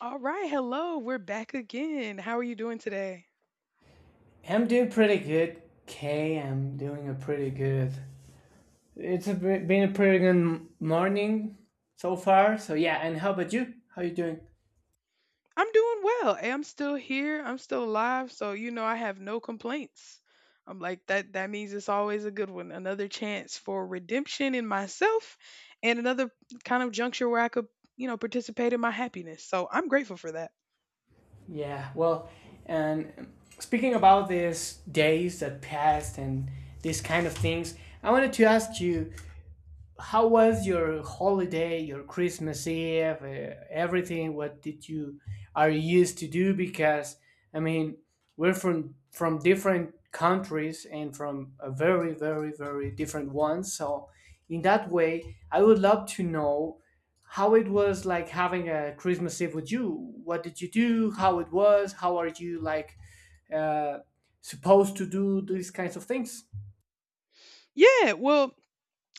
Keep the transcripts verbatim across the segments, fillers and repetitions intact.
All right, hello. We're back again. How are you doing today? I'm doing pretty good. Kay, I'm doing a pretty good. It's a, pre- been a pretty good morning so far. So yeah, and how about you? How you doing? I'm doing well. eh, I'm still here. I'm still alive, so you know I have no complaints. I'm like that that means it's always a good one. Another chance for redemption in myself and another kind of juncture where I could, you know, participate in my happiness. So, I'm grateful for that. Yeah, well, and speaking about these days that passed and these kind of things, I wanted to ask you, how was your holiday, your Christmas Eve, uh, everything? What did you Are you used to do? Because I mean, we're from from different countries and from a very very very different ones. So in that way, I would love to know how it was like having a Christmas Eve with you. What did you do? How it was? How are you like uh, supposed to do these kinds of things? Yeah, well,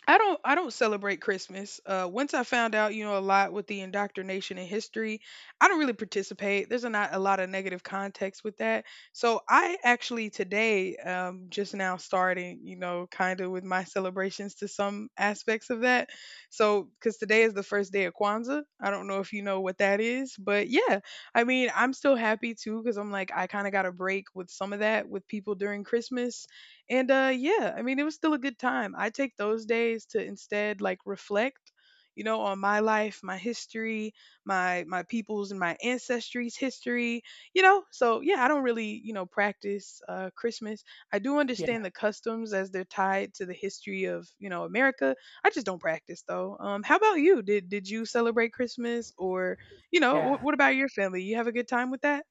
I don't I don't celebrate Christmas. Uh, once I found out, you know, a lot with the indoctrination in history, I don't really participate. There's a not a lot of negative context with that. So I actually today um just now starting, you know, kind of with my celebrations to some aspects of that. So cuz today is the first day of Kwanzaa. I don't know if you know what that is, but yeah. I mean, I'm still happy too cuz I'm like I kind of got a break with some of that with people during Christmas, and uh yeah, I mean it was still a good time. I take those days to instead like reflect, you know, on my life, my history, my my people's and my ancestry's history, you know? So yeah, I don't really, you know, practice uh Christmas. I do Yeah, understand the customs as they're tied to the history of, you know, America. I just don't practice though. Um how about you? Did did you celebrate Christmas or, you know, wh- yeah. what about your family? You have a good time with that?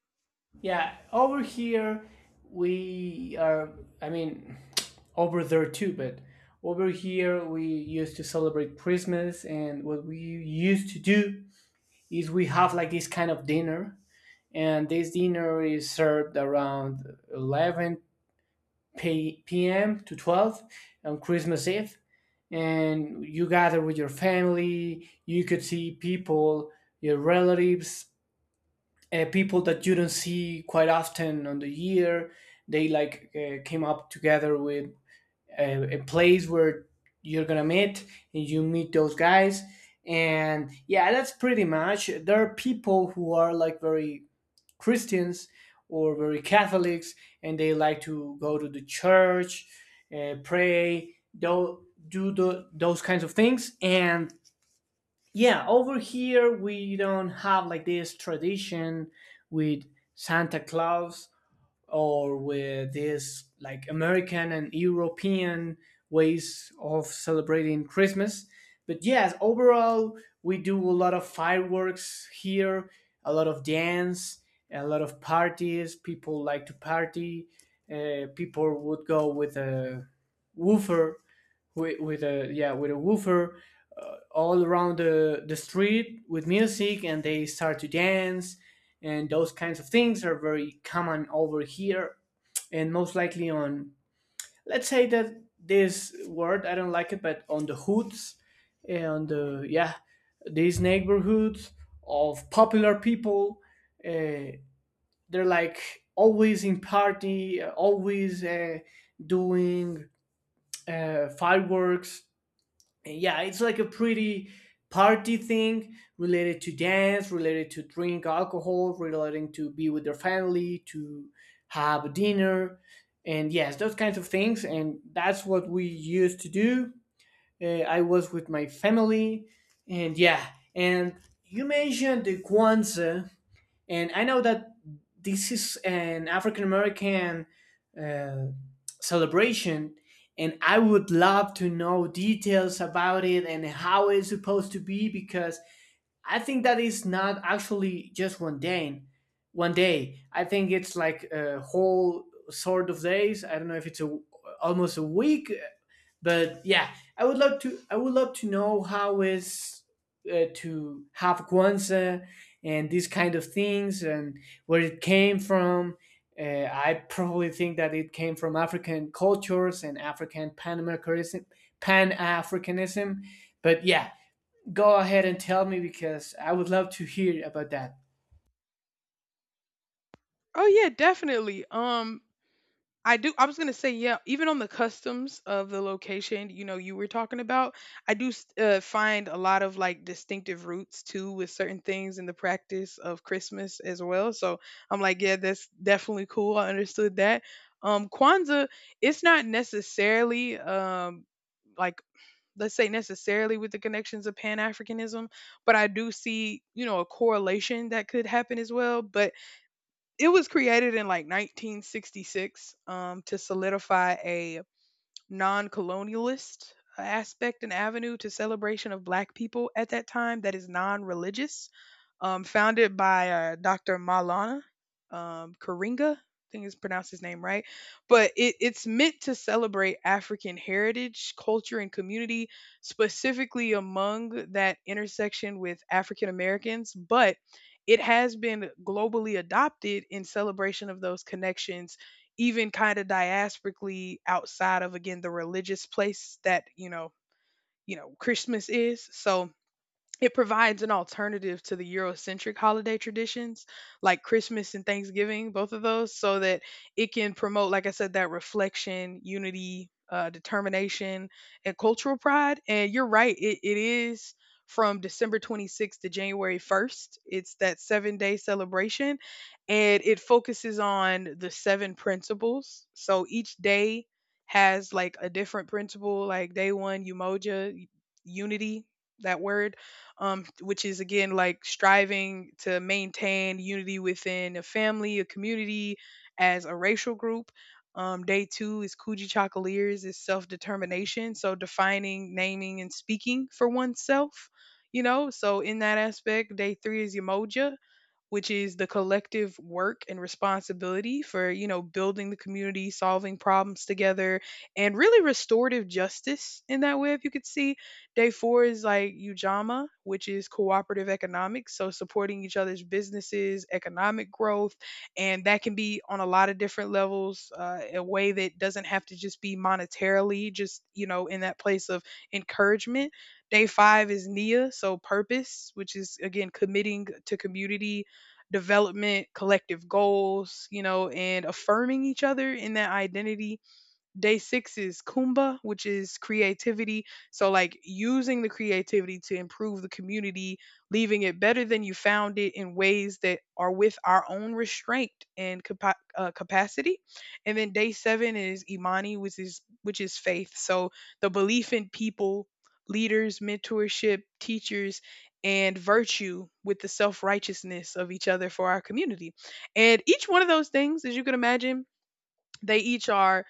Yeah, over here we are. I mean, over there too, but over here we used to celebrate Christmas, and what we used to do is we have like this kind of dinner, and this dinner is served around eleven p- p.m. to twelve on Christmas Eve, and you gather with your family. You could see people, your relatives, uh, people that you don't see quite often on the year. They like uh, came up together with a, a place where you're gonna meet and you meet those guys. And yeah, that's pretty much. There are people who are like very Christians or very Catholics, and they like to go to the church, uh, pray, do do the, those kinds of things. And yeah, over here we don't have like this tradition with Santa Claus or with this like American and European ways of celebrating Christmas. But yes, overall we do a lot of fireworks here, a lot of dance, a lot of parties. People like to party. Uh, people would go with a woofer with with a yeah with a woofer uh, all around the the street with music, and they start to dance, and those kinds of things are very common over here, and most likely on, let's say that this word I don't like it, but on the hoods. And uh, yeah, these neighborhoods of popular people. Uh, they're like always in party, uh, always uh, doing uh, fireworks, and yeah, it's like a pretty party thing, related to dance, related to drink alcohol, relating to be with their family, to have a dinner. And yes, those kinds of things, and that's what we used to do. Uh, i was with my family. And yeah, and you mentioned the kwanzaa, and I know that this is an African American uh, celebration, and I would love to know details about it and how it's supposed to be, because I think that is not actually just one day. One day, I think it's like a whole sort of days. I don't know if it's a almost a week, but yeah, I would love to. I would love to know how is uh, to have guanza and these kind of things and where it came from. Uh, I probably think that it came from African cultures and African Pan Americanism, Pan Africanism. But yeah, go ahead and tell me, because I would love to hear about that. Oh yeah, definitely. Um I do. I was gonna say, yeah. Even on the customs of the location, you know, you were talking about, I do s- uh, find a lot of like distinctive roots too with certain things in the practice of Christmas as well. So I'm like, yeah, that's definitely cool. I understood that. Um, Kwanzaa, it's not necessarily um like let's say necessarily with the connections of pan-africanism, but I do see, you know, a correlation that could happen as well. But it was created in like nineteen sixty-six, um, to solidify a non-colonialist aspect and avenue to celebration of black people at that time that is non-religious, um, founded by uh, Dr. Malana, um, Karinga, I think is pronounced his name right. But it, it's meant to celebrate African heritage, culture, and community, specifically among that intersection with African Americans, but it has been globally adopted in celebration of those connections, even kind of diasporically outside of again the religious place that you know you know Christmas is. So it provides an alternative to the Eurocentric holiday traditions like Christmas and Thanksgiving, both of those, so that it can promote, like I said, that reflection, unity, uh, determination, and cultural pride. And you're right, it, it is from December twenty-sixth to January first. It's that seven day celebration, and it focuses on the seven principles. So each day has like a different principle, like day one, umoja, unity, that word, um, which is again like striving to maintain unity within a family, a community, as a racial group. Um, day two is Coogee Chocoliers, is self determination. So defining, naming, and speaking for oneself, you know. So in that aspect, day three is Umoja, which is the collective work and responsibility for, you know, building the community, solving problems together, and really restorative justice in that way, if you could see. Day four is like Ujama, which is cooperative economics. So supporting each other's businesses, economic growth, and that can be on a lot of different levels, uh, in a way that doesn't have to just be monetarily, just, you know, in that place of encouragement. Day five is Nia, so purpose, which is again committing to community development, collective goals, you know, and affirming each other in that identity. Day six is Kumba, which is creativity. So, like using the creativity to improve the community, leaving it better than you found it in ways that are with our own restraint and capa- uh, capacity. And then day seven is Imani, which is which is faith. So the belief in people, leaders, mentorship, teachers, and virtue with the self righteousness of each other for our community. And each one of those things, as you can imagine, they each are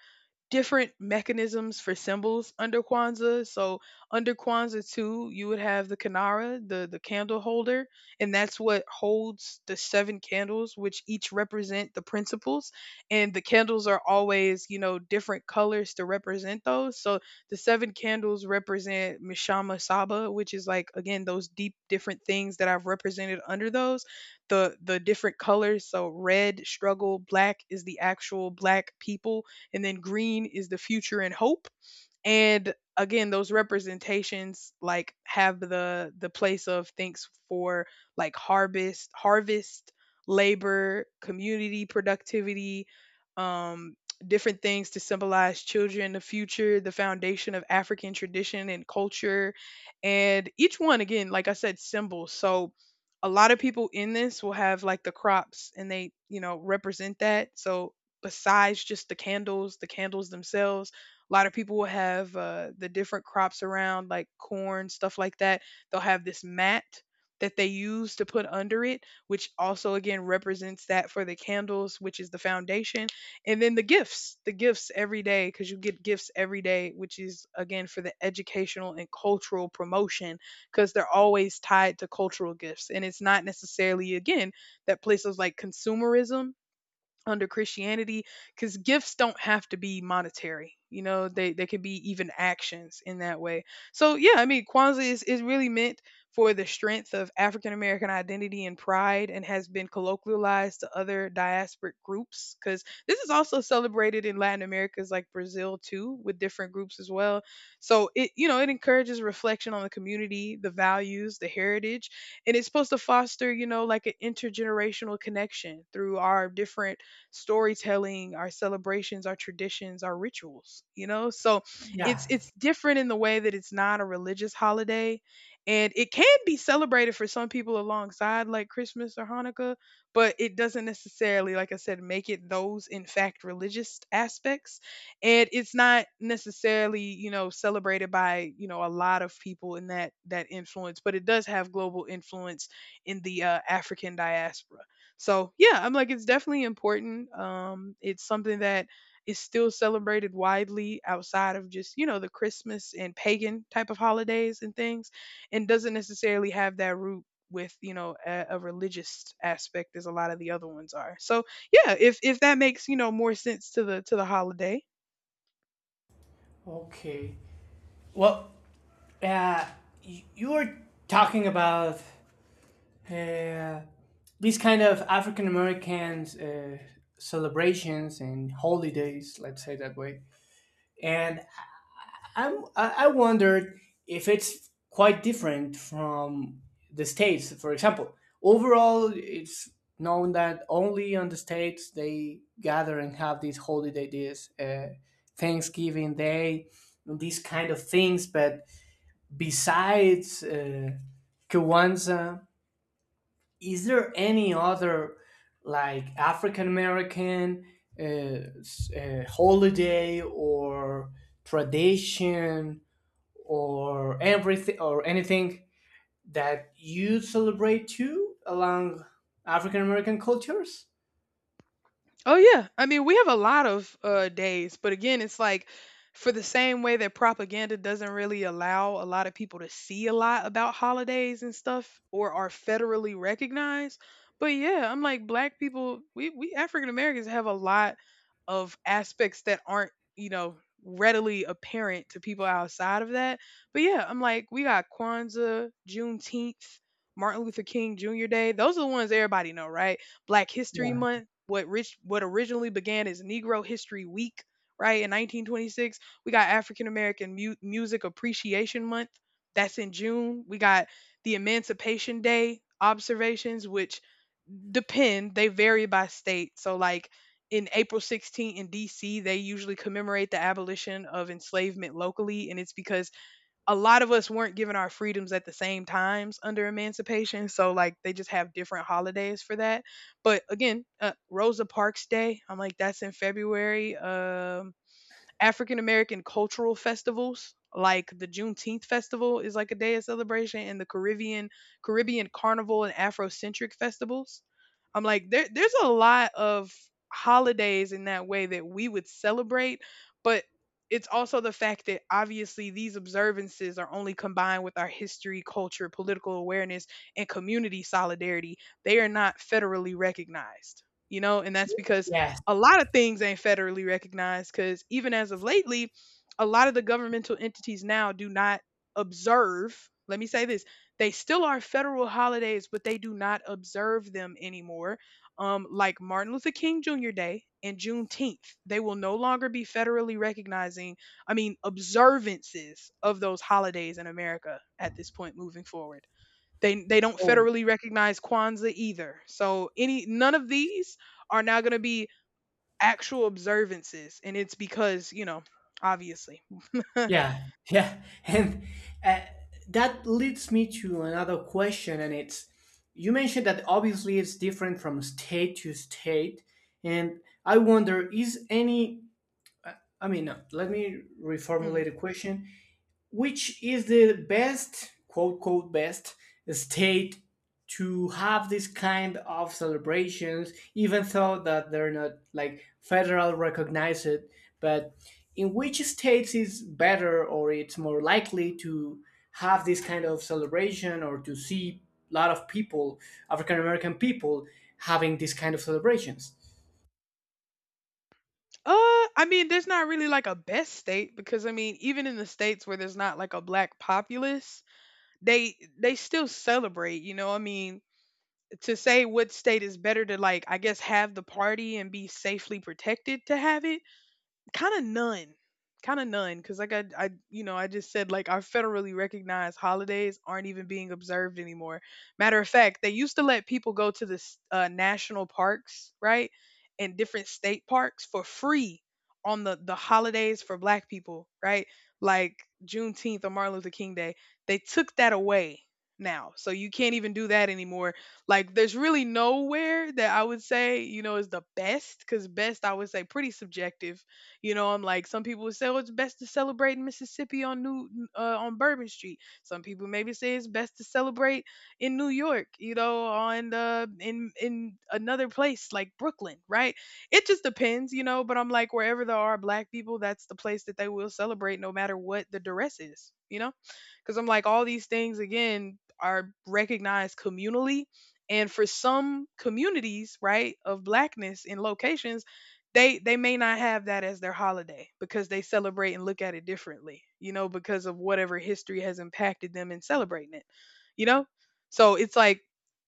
different mechanisms for symbols under Kwanzaa. So under Kwanzaa too, you would have the Kanara, the the candle holder, and that's what holds the seven candles, which each represent the principles. And the candles are always, you know, different colors to represent those. So the seven candles represent Mishama Saba, which is like again those deep different things that I've represented under those. The the different colors. So red, struggle, black is the actual black people, and then green is the future and hope. And again those representations like have the the place of thanks for like harvest harvest labor, community, productivity, um different things to symbolize children, the future, the foundation of African tradition and culture. And each one again, like I said, symbols. So a lot of people in this will have like the crops and they, you know, represent that. So besides just the candles, the candles themselves, a lot of people will have uh, the different crops around, like corn, stuff like that. They'll have this mat that they use to put under it, which also again represents that for the candles, which is the foundation. And then the gifts, the gifts every day, because you get gifts every day, which is again for the educational and cultural promotion, because they're always tied to cultural gifts. And it's not necessarily, again, that place of like consumerism under Christianity, because gifts don't have to be monetary. You know, they they could be even actions in that way. So yeah, I mean, Kwanzaa is, is really meant for the strength of African American identity and pride, and has been colloquialized to other diasporic groups because this is also celebrated in Latin Americas like Brazil too, with different groups as well. So it, you know, it encourages reflection on the community, the values, the heritage, and it's supposed to foster, you know, like an intergenerational connection through our different storytelling, our celebrations, our traditions, our rituals, you know? So Yeah. it's it's different in the way that it's not a religious holiday, and it can be celebrated for some people alongside like Christmas or Hanukkah, but it doesn't necessarily, like I said, make it those in fact religious aspects. And it's not necessarily, you know, celebrated by, you know, a lot of people in that that influence, but it does have global influence in the uh, African diaspora. So yeah, I'm like it's definitely important. Um, it's something that is still celebrated widely outside of just, you know, the Christmas and pagan type of holidays and things, and doesn't necessarily have that root with, you know, a, a religious aspect as a lot of the other ones are. So yeah, if if that makes, you know, more sense to the to the holiday. Okay. Well, uh, y- you were talking about uh, these kind of African Americans, uh, celebrations and holidays, let's say that way. And I'm I I wondered if it's quite different from the states. For example, overall, it's known that only on the states they gather and have these holiday days, uh, Thanksgiving Day, these kind of things. But besides, uh, Kwanzaa, is there any other like African American uh, s- uh, holiday or tradition or everything or anything that you celebrate too along African American cultures? Oh yeah. I mean, we have a lot of uh days, but again, it's like for the same way that propaganda doesn't really allow a lot of people to see a lot about holidays and stuff or are federally recognized. But yeah, I'm like black people, we we African Americans have a lot of aspects that aren't, you know, readily apparent to people outside of that. But yeah, I'm like we got Kwanzaa, Juneteenth, Martin Luther King Junior Day. Those are the ones everybody know, right? Black History Yeah. Month, what rich what originally began as Negro History Week, right? In nineteen twenty-six, we got African American Mu- Music Appreciation Month. That's in June. We got the Emancipation Day observations, which depend, they vary by state. So, like in April sixteenth in D C, they usually commemorate the abolition of enslavement locally, and it's because a lot of us weren't given our freedoms at the same times under emancipation, so like they just have different holidays for that. But again, uh, Rosa Parks Day, I'm like that's in February. Um, African American cultural festivals, like the Juneteenth festival is like a day of celebration, and the Caribbean Caribbean Carnival and Afrocentric festivals. I'm like there there's a lot of holidays in that way that we would celebrate, but it's also the fact that obviously these observances are only combined with our history, culture, political awareness, and community solidarity. They are not federally recognized, you know, and that's because Yes. a lot of things ain't federally recognized. Because even as of lately, a lot of the governmental entities now do not observe. Let me say this: they still are federal holidays, but they do not observe them anymore. Um, like Martin Luther King Junior Day and Juneteenth, they will no longer be federally recognizing. I mean, observances of those holidays in America at this point moving forward. They they don't Oh, federally recognize Kwanzaa either. So any none of these are now going to be actual observances, and it's because, you know, obviously hmm yeah, yeah, and uh, that leads me to another question, and it's, you mentioned that obviously it's different from state to state, and I wonder, is any I mean, no, let me reformulate the question, which is the best, quote quote, best state to have this kind of celebrations, even though that they're not like federal recognized, but in which states is better or it's more likely to have this kind of celebration or to see a lot of people, african american people, having this kind of celebrations. uh I mean, there's not really like a best state, because I mean, even in the states where there's not like a black populace, they they still celebrate, you know. I mean, to say what state is better to, like, I guess have the party and be safely protected to have it, kind of none. Kind of none, because like I, I you know I just said, like, our federally recognized holidays aren't even being observed anymore. Matter of fact, they used to let people go to the s- uh, national parks, right, and different state parks for free on the the holidays for black people, right, like Juneteenth or Martin Luther King Day. They took that away now, so you can't even do that anymore. Like there's really nowhere that I would say, you know, is the best, because best I would say pretty subjective. You know, I'm like, some people would say, oh, it's best to celebrate in Mississippi on New uh, on Bourbon Street. Some people maybe say it's best to celebrate in New York. You know, on uh, in in another place like Brooklyn, right? It just depends, you know. But I'm like, wherever there are black people, that's the place that they will celebrate, no matter what the duress is. You know, because I'm like, all these things again are recognized communally, and for some communities, right, of blackness in locations, they they may not have that as their holiday because they celebrate and look at it differently, you know, because of whatever history has impacted them in celebrating it, you know? So it's like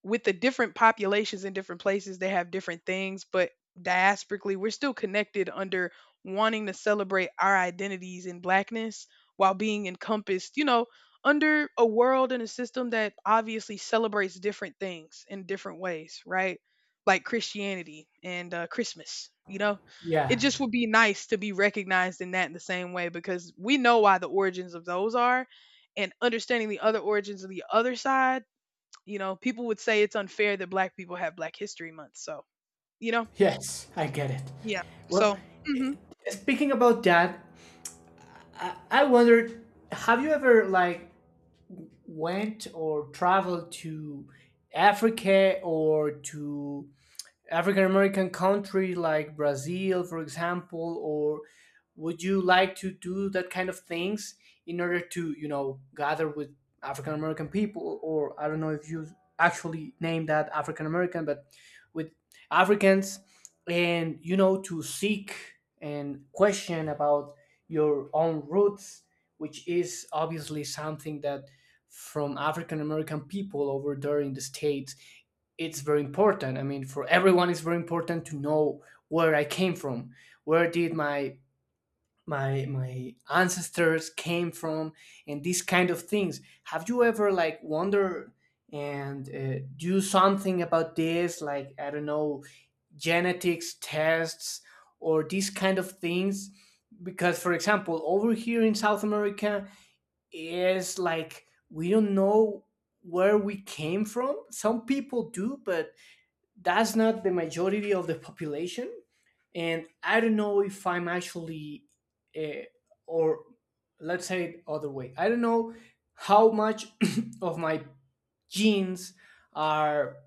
with the different populations in different places, they have different things, but diasporically, we're still connected under wanting to celebrate our identities in blackness while being encompassed, you know, under a world and a system that obviously celebrates different things in different ways, right? Like Christianity and uh, Christmas. You know, it Yeah, just would be nice to be recognized in that in the same way, because we know why the origins of those are, and understanding the other origins of the other side. You know, people would say it's unfair that Black people have Black History Month. So you know, yes, I get it. yeah. Well, So. Mhm. speaking about that, I wondered, have you ever like went or traveled to Africa or to African American country like Brazil, for example? Or would you like to do that kind of things in order to, you know, gather with African American people? Or I don't know if you actually name that African American, but with Africans, and, you know, to seek and question about your own roots, which is obviously something that from African American people over there in the States it's very important. I mean, for everyone, it's very important to know where I came from, where did my my my ancestors came from, and these kind of things. Have you ever like wonder and uh, do something about this? Like, I don't know, genetics tests or these kind of things. Because, for example, over here in South America, is like we don't know where we came from. Some people do, but that's not the majority of the population. And I don't know if I'm actually uh, or, let's say it other way, I don't know how much of my genes are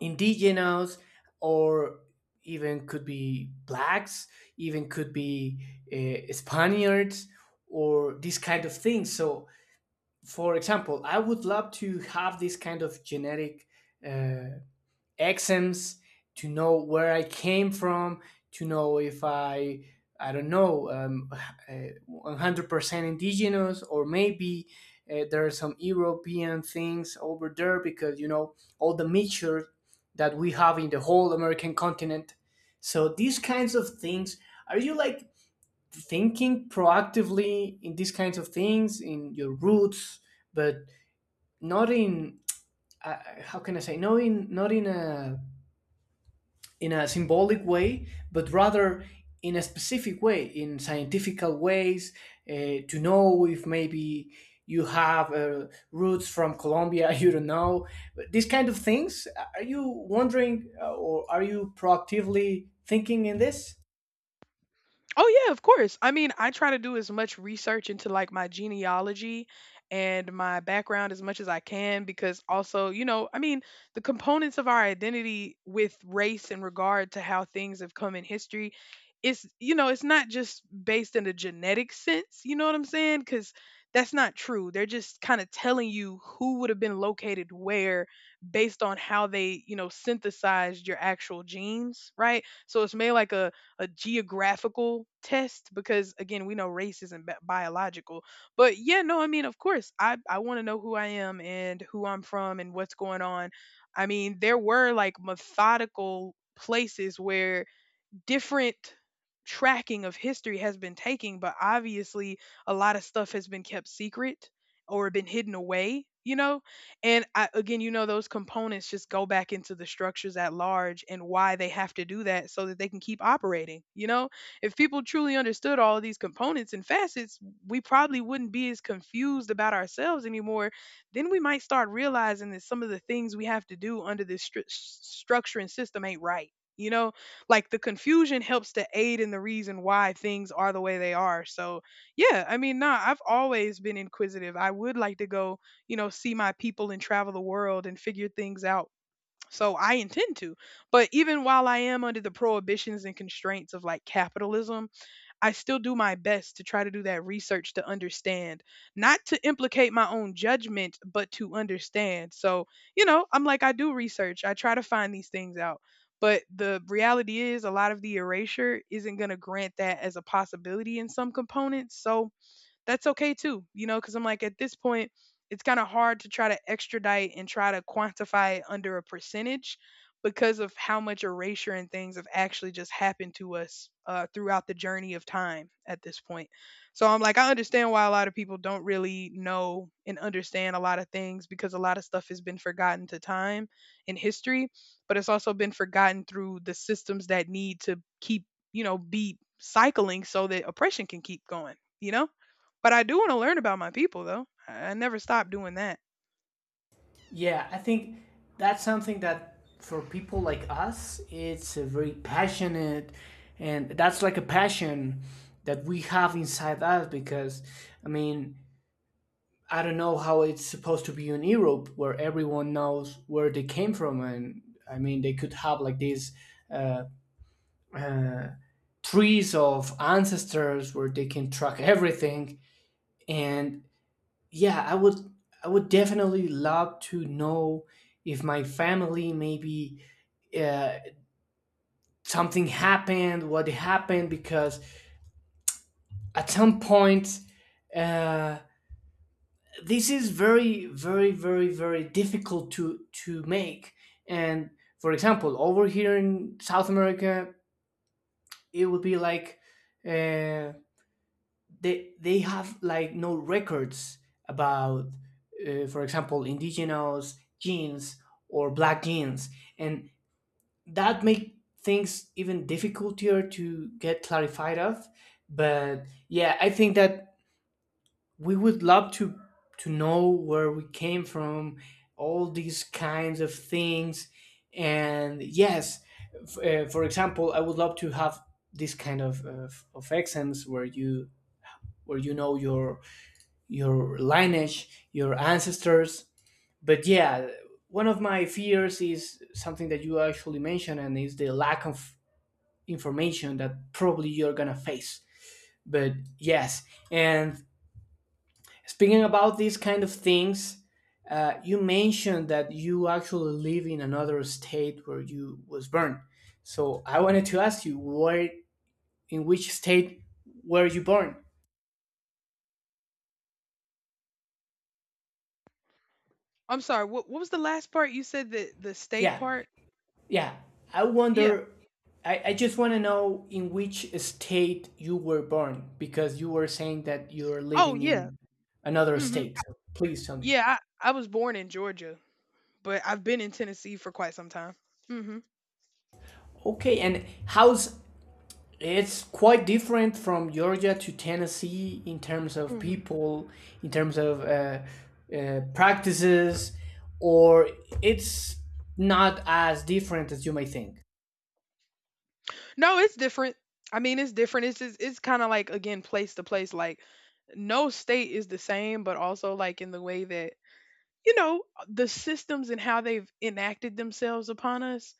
indigenous, or even could be blacks, even could be uh, spaniards, or these kind of things. So for example, I would love to have this kind of genetic uh, exams to know where I came from, to know if I, I don't know, um, uh, one hundred percent indigenous, or maybe uh, there are some European things over there, because, you know, all the mixture that we have in the whole American continent. So these kinds of things, are you like thinking proactively in these kinds of things, in your roots, but not in, uh, how can I say, not in, not in a, in a symbolic way, but rather in a specific way, in scientifical ways, uh, to know if maybe you have uh, roots from Colombia, you don't know. But, these kind of things, are you wondering, uh, or are you proactively thinking in this? Oh yeah, of course. I mean, I try to do as much research into like my genealogy and my background as much as I can, because also, you know, I mean, the components of our identity with race in regard to how things have come in history, it's, you know, it's not just based in a genetic sense, you know what I'm saying? Cuz that's not true. They're just kind of telling you who would have been located where based on how they, you know, synthesized your actual genes, right? So it's made like a a geographical test, because again, we know race isn't bi- biological. But yeah, no, I mean, of course i i want to know who I am and who I'm from and what's going on. I mean, there were like methodical places where different tracking of history has been taking, but obviously a lot of stuff has been kept secret or been hidden away, you know? And I, again, you know, those components just go back into the structures at large and why they have to do that so that they can keep operating, you know? If people truly understood all of these components and facets, we probably wouldn't be as confused about ourselves anymore. Then we might start realizing that some of the things we have to do under this stru- s- structure and system ain't right. You know, like the confusion helps to aid in the reason why things are the way they are. So yeah, I mean, nah, I've always been inquisitive. I would like to go, you know, see my people and travel the world and figure things out. So I intend to. But even while I am under the prohibitions and constraints of like capitalism, I still do my best to try to do that research to understand, not to implicate my own judgment, but to understand. So, you know, I'm like, I do research, I try to find these things out. But the reality is, a lot of the erasure isn't going to grant that as a possibility in some components. So, that's okay too, you know, because I'm like, at this point, it's kind of hard to try to extradite and try to quantify it under a percentage because of how much erasure and things have actually just happened to us uh, throughout the journey of time at this point. So I'm like, I understand why a lot of people don't really know and understand a lot of things, because a lot of stuff has been forgotten to time and history, but it's also been forgotten through the systems that need to keep, you know, be cycling so that oppression can keep going, you know? But I do want to learn about my people, though. I I never stop doing that. Yeah, I think that's something that for people like us, it's a very passionate, and that's like a passion that we have inside us, because, I mean, I don't know how it's supposed to be in Europe where everyone knows where they came from. And I mean, they could have like these uh, uh, trees of ancestors where they can track everything. And yeah, I would I would definitely love to know if my family maybe uh, something happened, what happened, because at some point uh, this is very very very very difficult to to make. And for example, over here in south america, it would be like, uh, they they have like no records about, uh, for example, indigenous genes or black genes, and that make things even difficultier to get clarified of. But yeah, I think that we would love to to know where we came from, all these kinds of things. And yes, f- uh, for example, I would love to have this kind of, of of exams where you, where you know your your lineage, your ancestors. But yeah, one of my fears is something that you actually mentioned, and is the lack of information that probably you're gonna face. But yes, and speaking about these kind of things, uh, you mentioned that you actually live in another state where you was born. So I wanted to ask you, where, in which state were you born? I'm sorry. What What was the last part you said? The the state Yeah, part? yeah. I Yeah. wonder. I, I just want to know in which state you were born, because you were saying that you're Oh living yeah. in another Hmm. state. So please tell me. Yeah. I I was born in Georgia, but I've been in Tennessee for quite some time. Hmm. Okay, and how's it's quite different from Georgia to Tennessee in terms of Hmm. people, in terms of uh, uh, practices, or it's not as different as you may think. No, it's different. I mean, it's different. It's just, it's kind of like again place to place. Like no state is the same, but also like in the way that, you know, the systems and how they've enacted themselves upon us,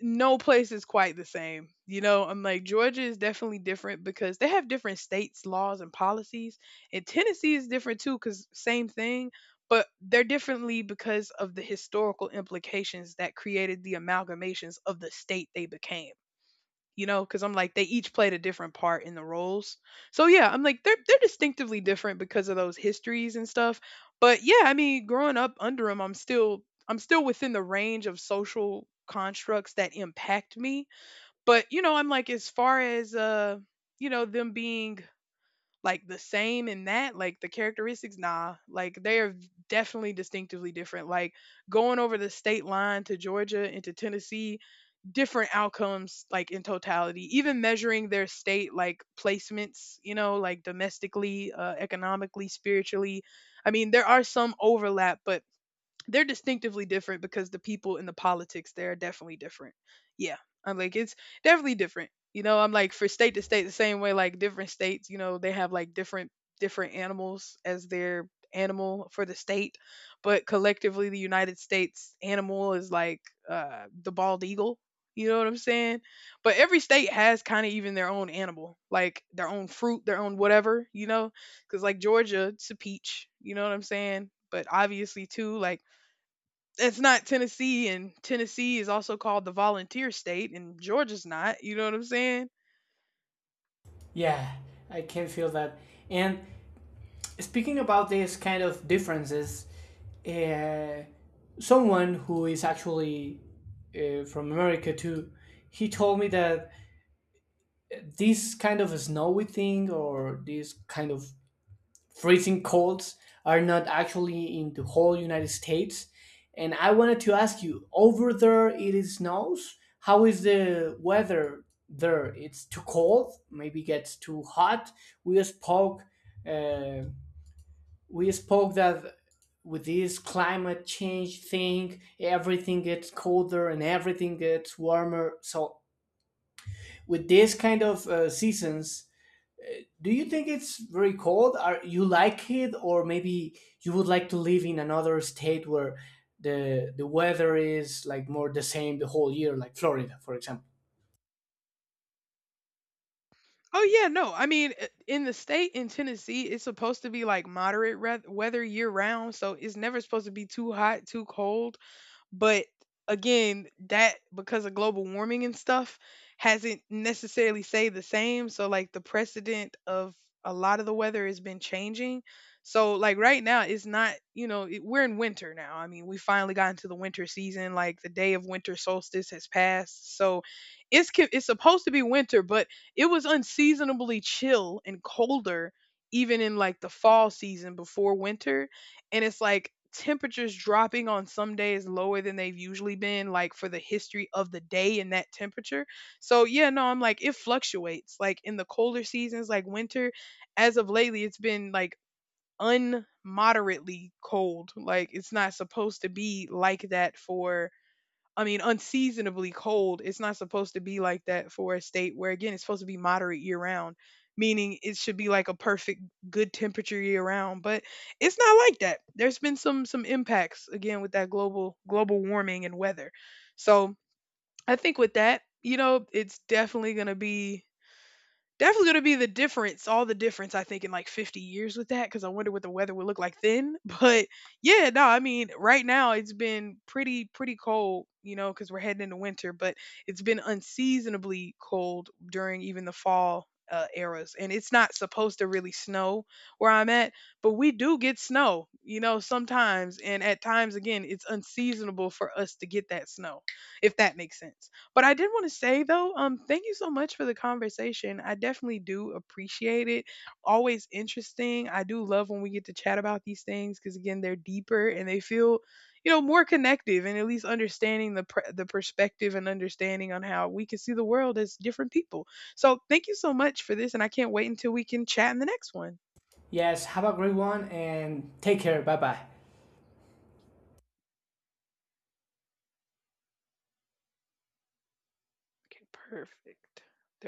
no place is quite the same. You know, I'm like, Georgia is definitely different because they have different states, laws, and policies. And Tennessee is different too, because same thing, but they're differently because of the historical implications that created the amalgamations of the state they became, you know, because I'm like, they each played a different part in the roles. So yeah, I'm like they're they're distinctively different because of those histories and stuff. But yeah, I mean, growing up under them, I'm still I'm still within the range of social constructs that impact me. But you know, I'm like, as far as uh, you know, them being like the same in that, like the characteristics, nah, like they are definitely distinctively different. Like going over the state line to Georgia and to Tennessee, different outcomes, like in totality, even measuring their state like placements, you know, like domestically, uh, economically, spiritually. I mean, there are some overlap, but they're distinctively different because the people in the politics there are definitely different. Yeah. I'm like, it's definitely different. You know, I'm like for state to state, the same way, like different states, you know, they have like different different animals as their animal for the state, but collectively the United States animal is like uh the bald eagle. You know what I'm saying? But every state has kind of even their own animal, like their own fruit, their own whatever, you know? Cuz like Georgia, it's a peach, you know what I'm saying? But obviously too, like it's not Tennessee, and Tennessee is also called the volunteer state, and Georgia's not. You know what I'm saying? Yeah, I can feel that. And speaking about these kind of differences, uh, someone who is actually uh, from America too, he told me that this kind of snowy thing or this kind of freezing colds are not actually in the whole United States. And I wanted to ask you, over there it is snows. How is the weather there? It's too cold, maybe gets too hot. We spoke, uh, we spoke that with this climate change thing, everything gets colder and everything gets warmer. So with this kind of uh, seasons, do you think it's very cold? Are you like it, or maybe you would like to live in another state where the the weather is like more the same the whole year, like Florida, for example? Oh yeah, no. I mean, i- in the state in Tennessee, it's supposed to be like moderate re- weather year round, so it's never supposed to be too hot, too cold. But again, that, because of global warming and stuff, hasn't necessarily stayed the same. So like the precedent of a lot of the weather has been changing. So like right now it's not, you know, it, we're in winter now. I mean, we finally got into the winter season. Like the day of winter solstice has passed. So it's co- it's supposed to be winter, but it was unseasonably chill and colder even in like the fall season before winter, and it's like temperatures dropping on some days lower than they've usually been, like for the history of the day in that temperature. So yeah, no, I'm like, it fluctuates, like in the colder seasons like winter, as of lately it's been like unmoderately cold. Like it's not supposed to be like that for I mean, unseasonably cold. It's not supposed to be like that for a state where, again, it's supposed to be moderate year round, meaning it should be like a perfect good temperature year round. But it's not like that. There's been some some impacts again with that global global warming and weather. So I think with that, you know, it's definitely gonna be Definitely gonna be the difference, all the difference I think in like fifty years with that, because I wonder what the weather would look like then. But yeah, no, I mean right now it's been pretty pretty cold, you know, because we're heading into winter, but it's been unseasonably cold during even the fall uh, eras, and it's not supposed to really snow where I'm at, but we do get snow, you know, sometimes, and at times again, it's unseasonable for us to get that snow, if that makes sense. But I did want to say though, um, thank you so much for the conversation. I definitely do appreciate it. Always interesting. I do love when we get to chat about these things, because again, they're deeper and they feel, you know, more connective, and at least understanding the pr- the perspective and understanding on how we can see the world as different people. So thank you so much for this, and I can't wait until we can chat in the next one. Yes, have a great one and take care. Bye bye. Okay, perfect. There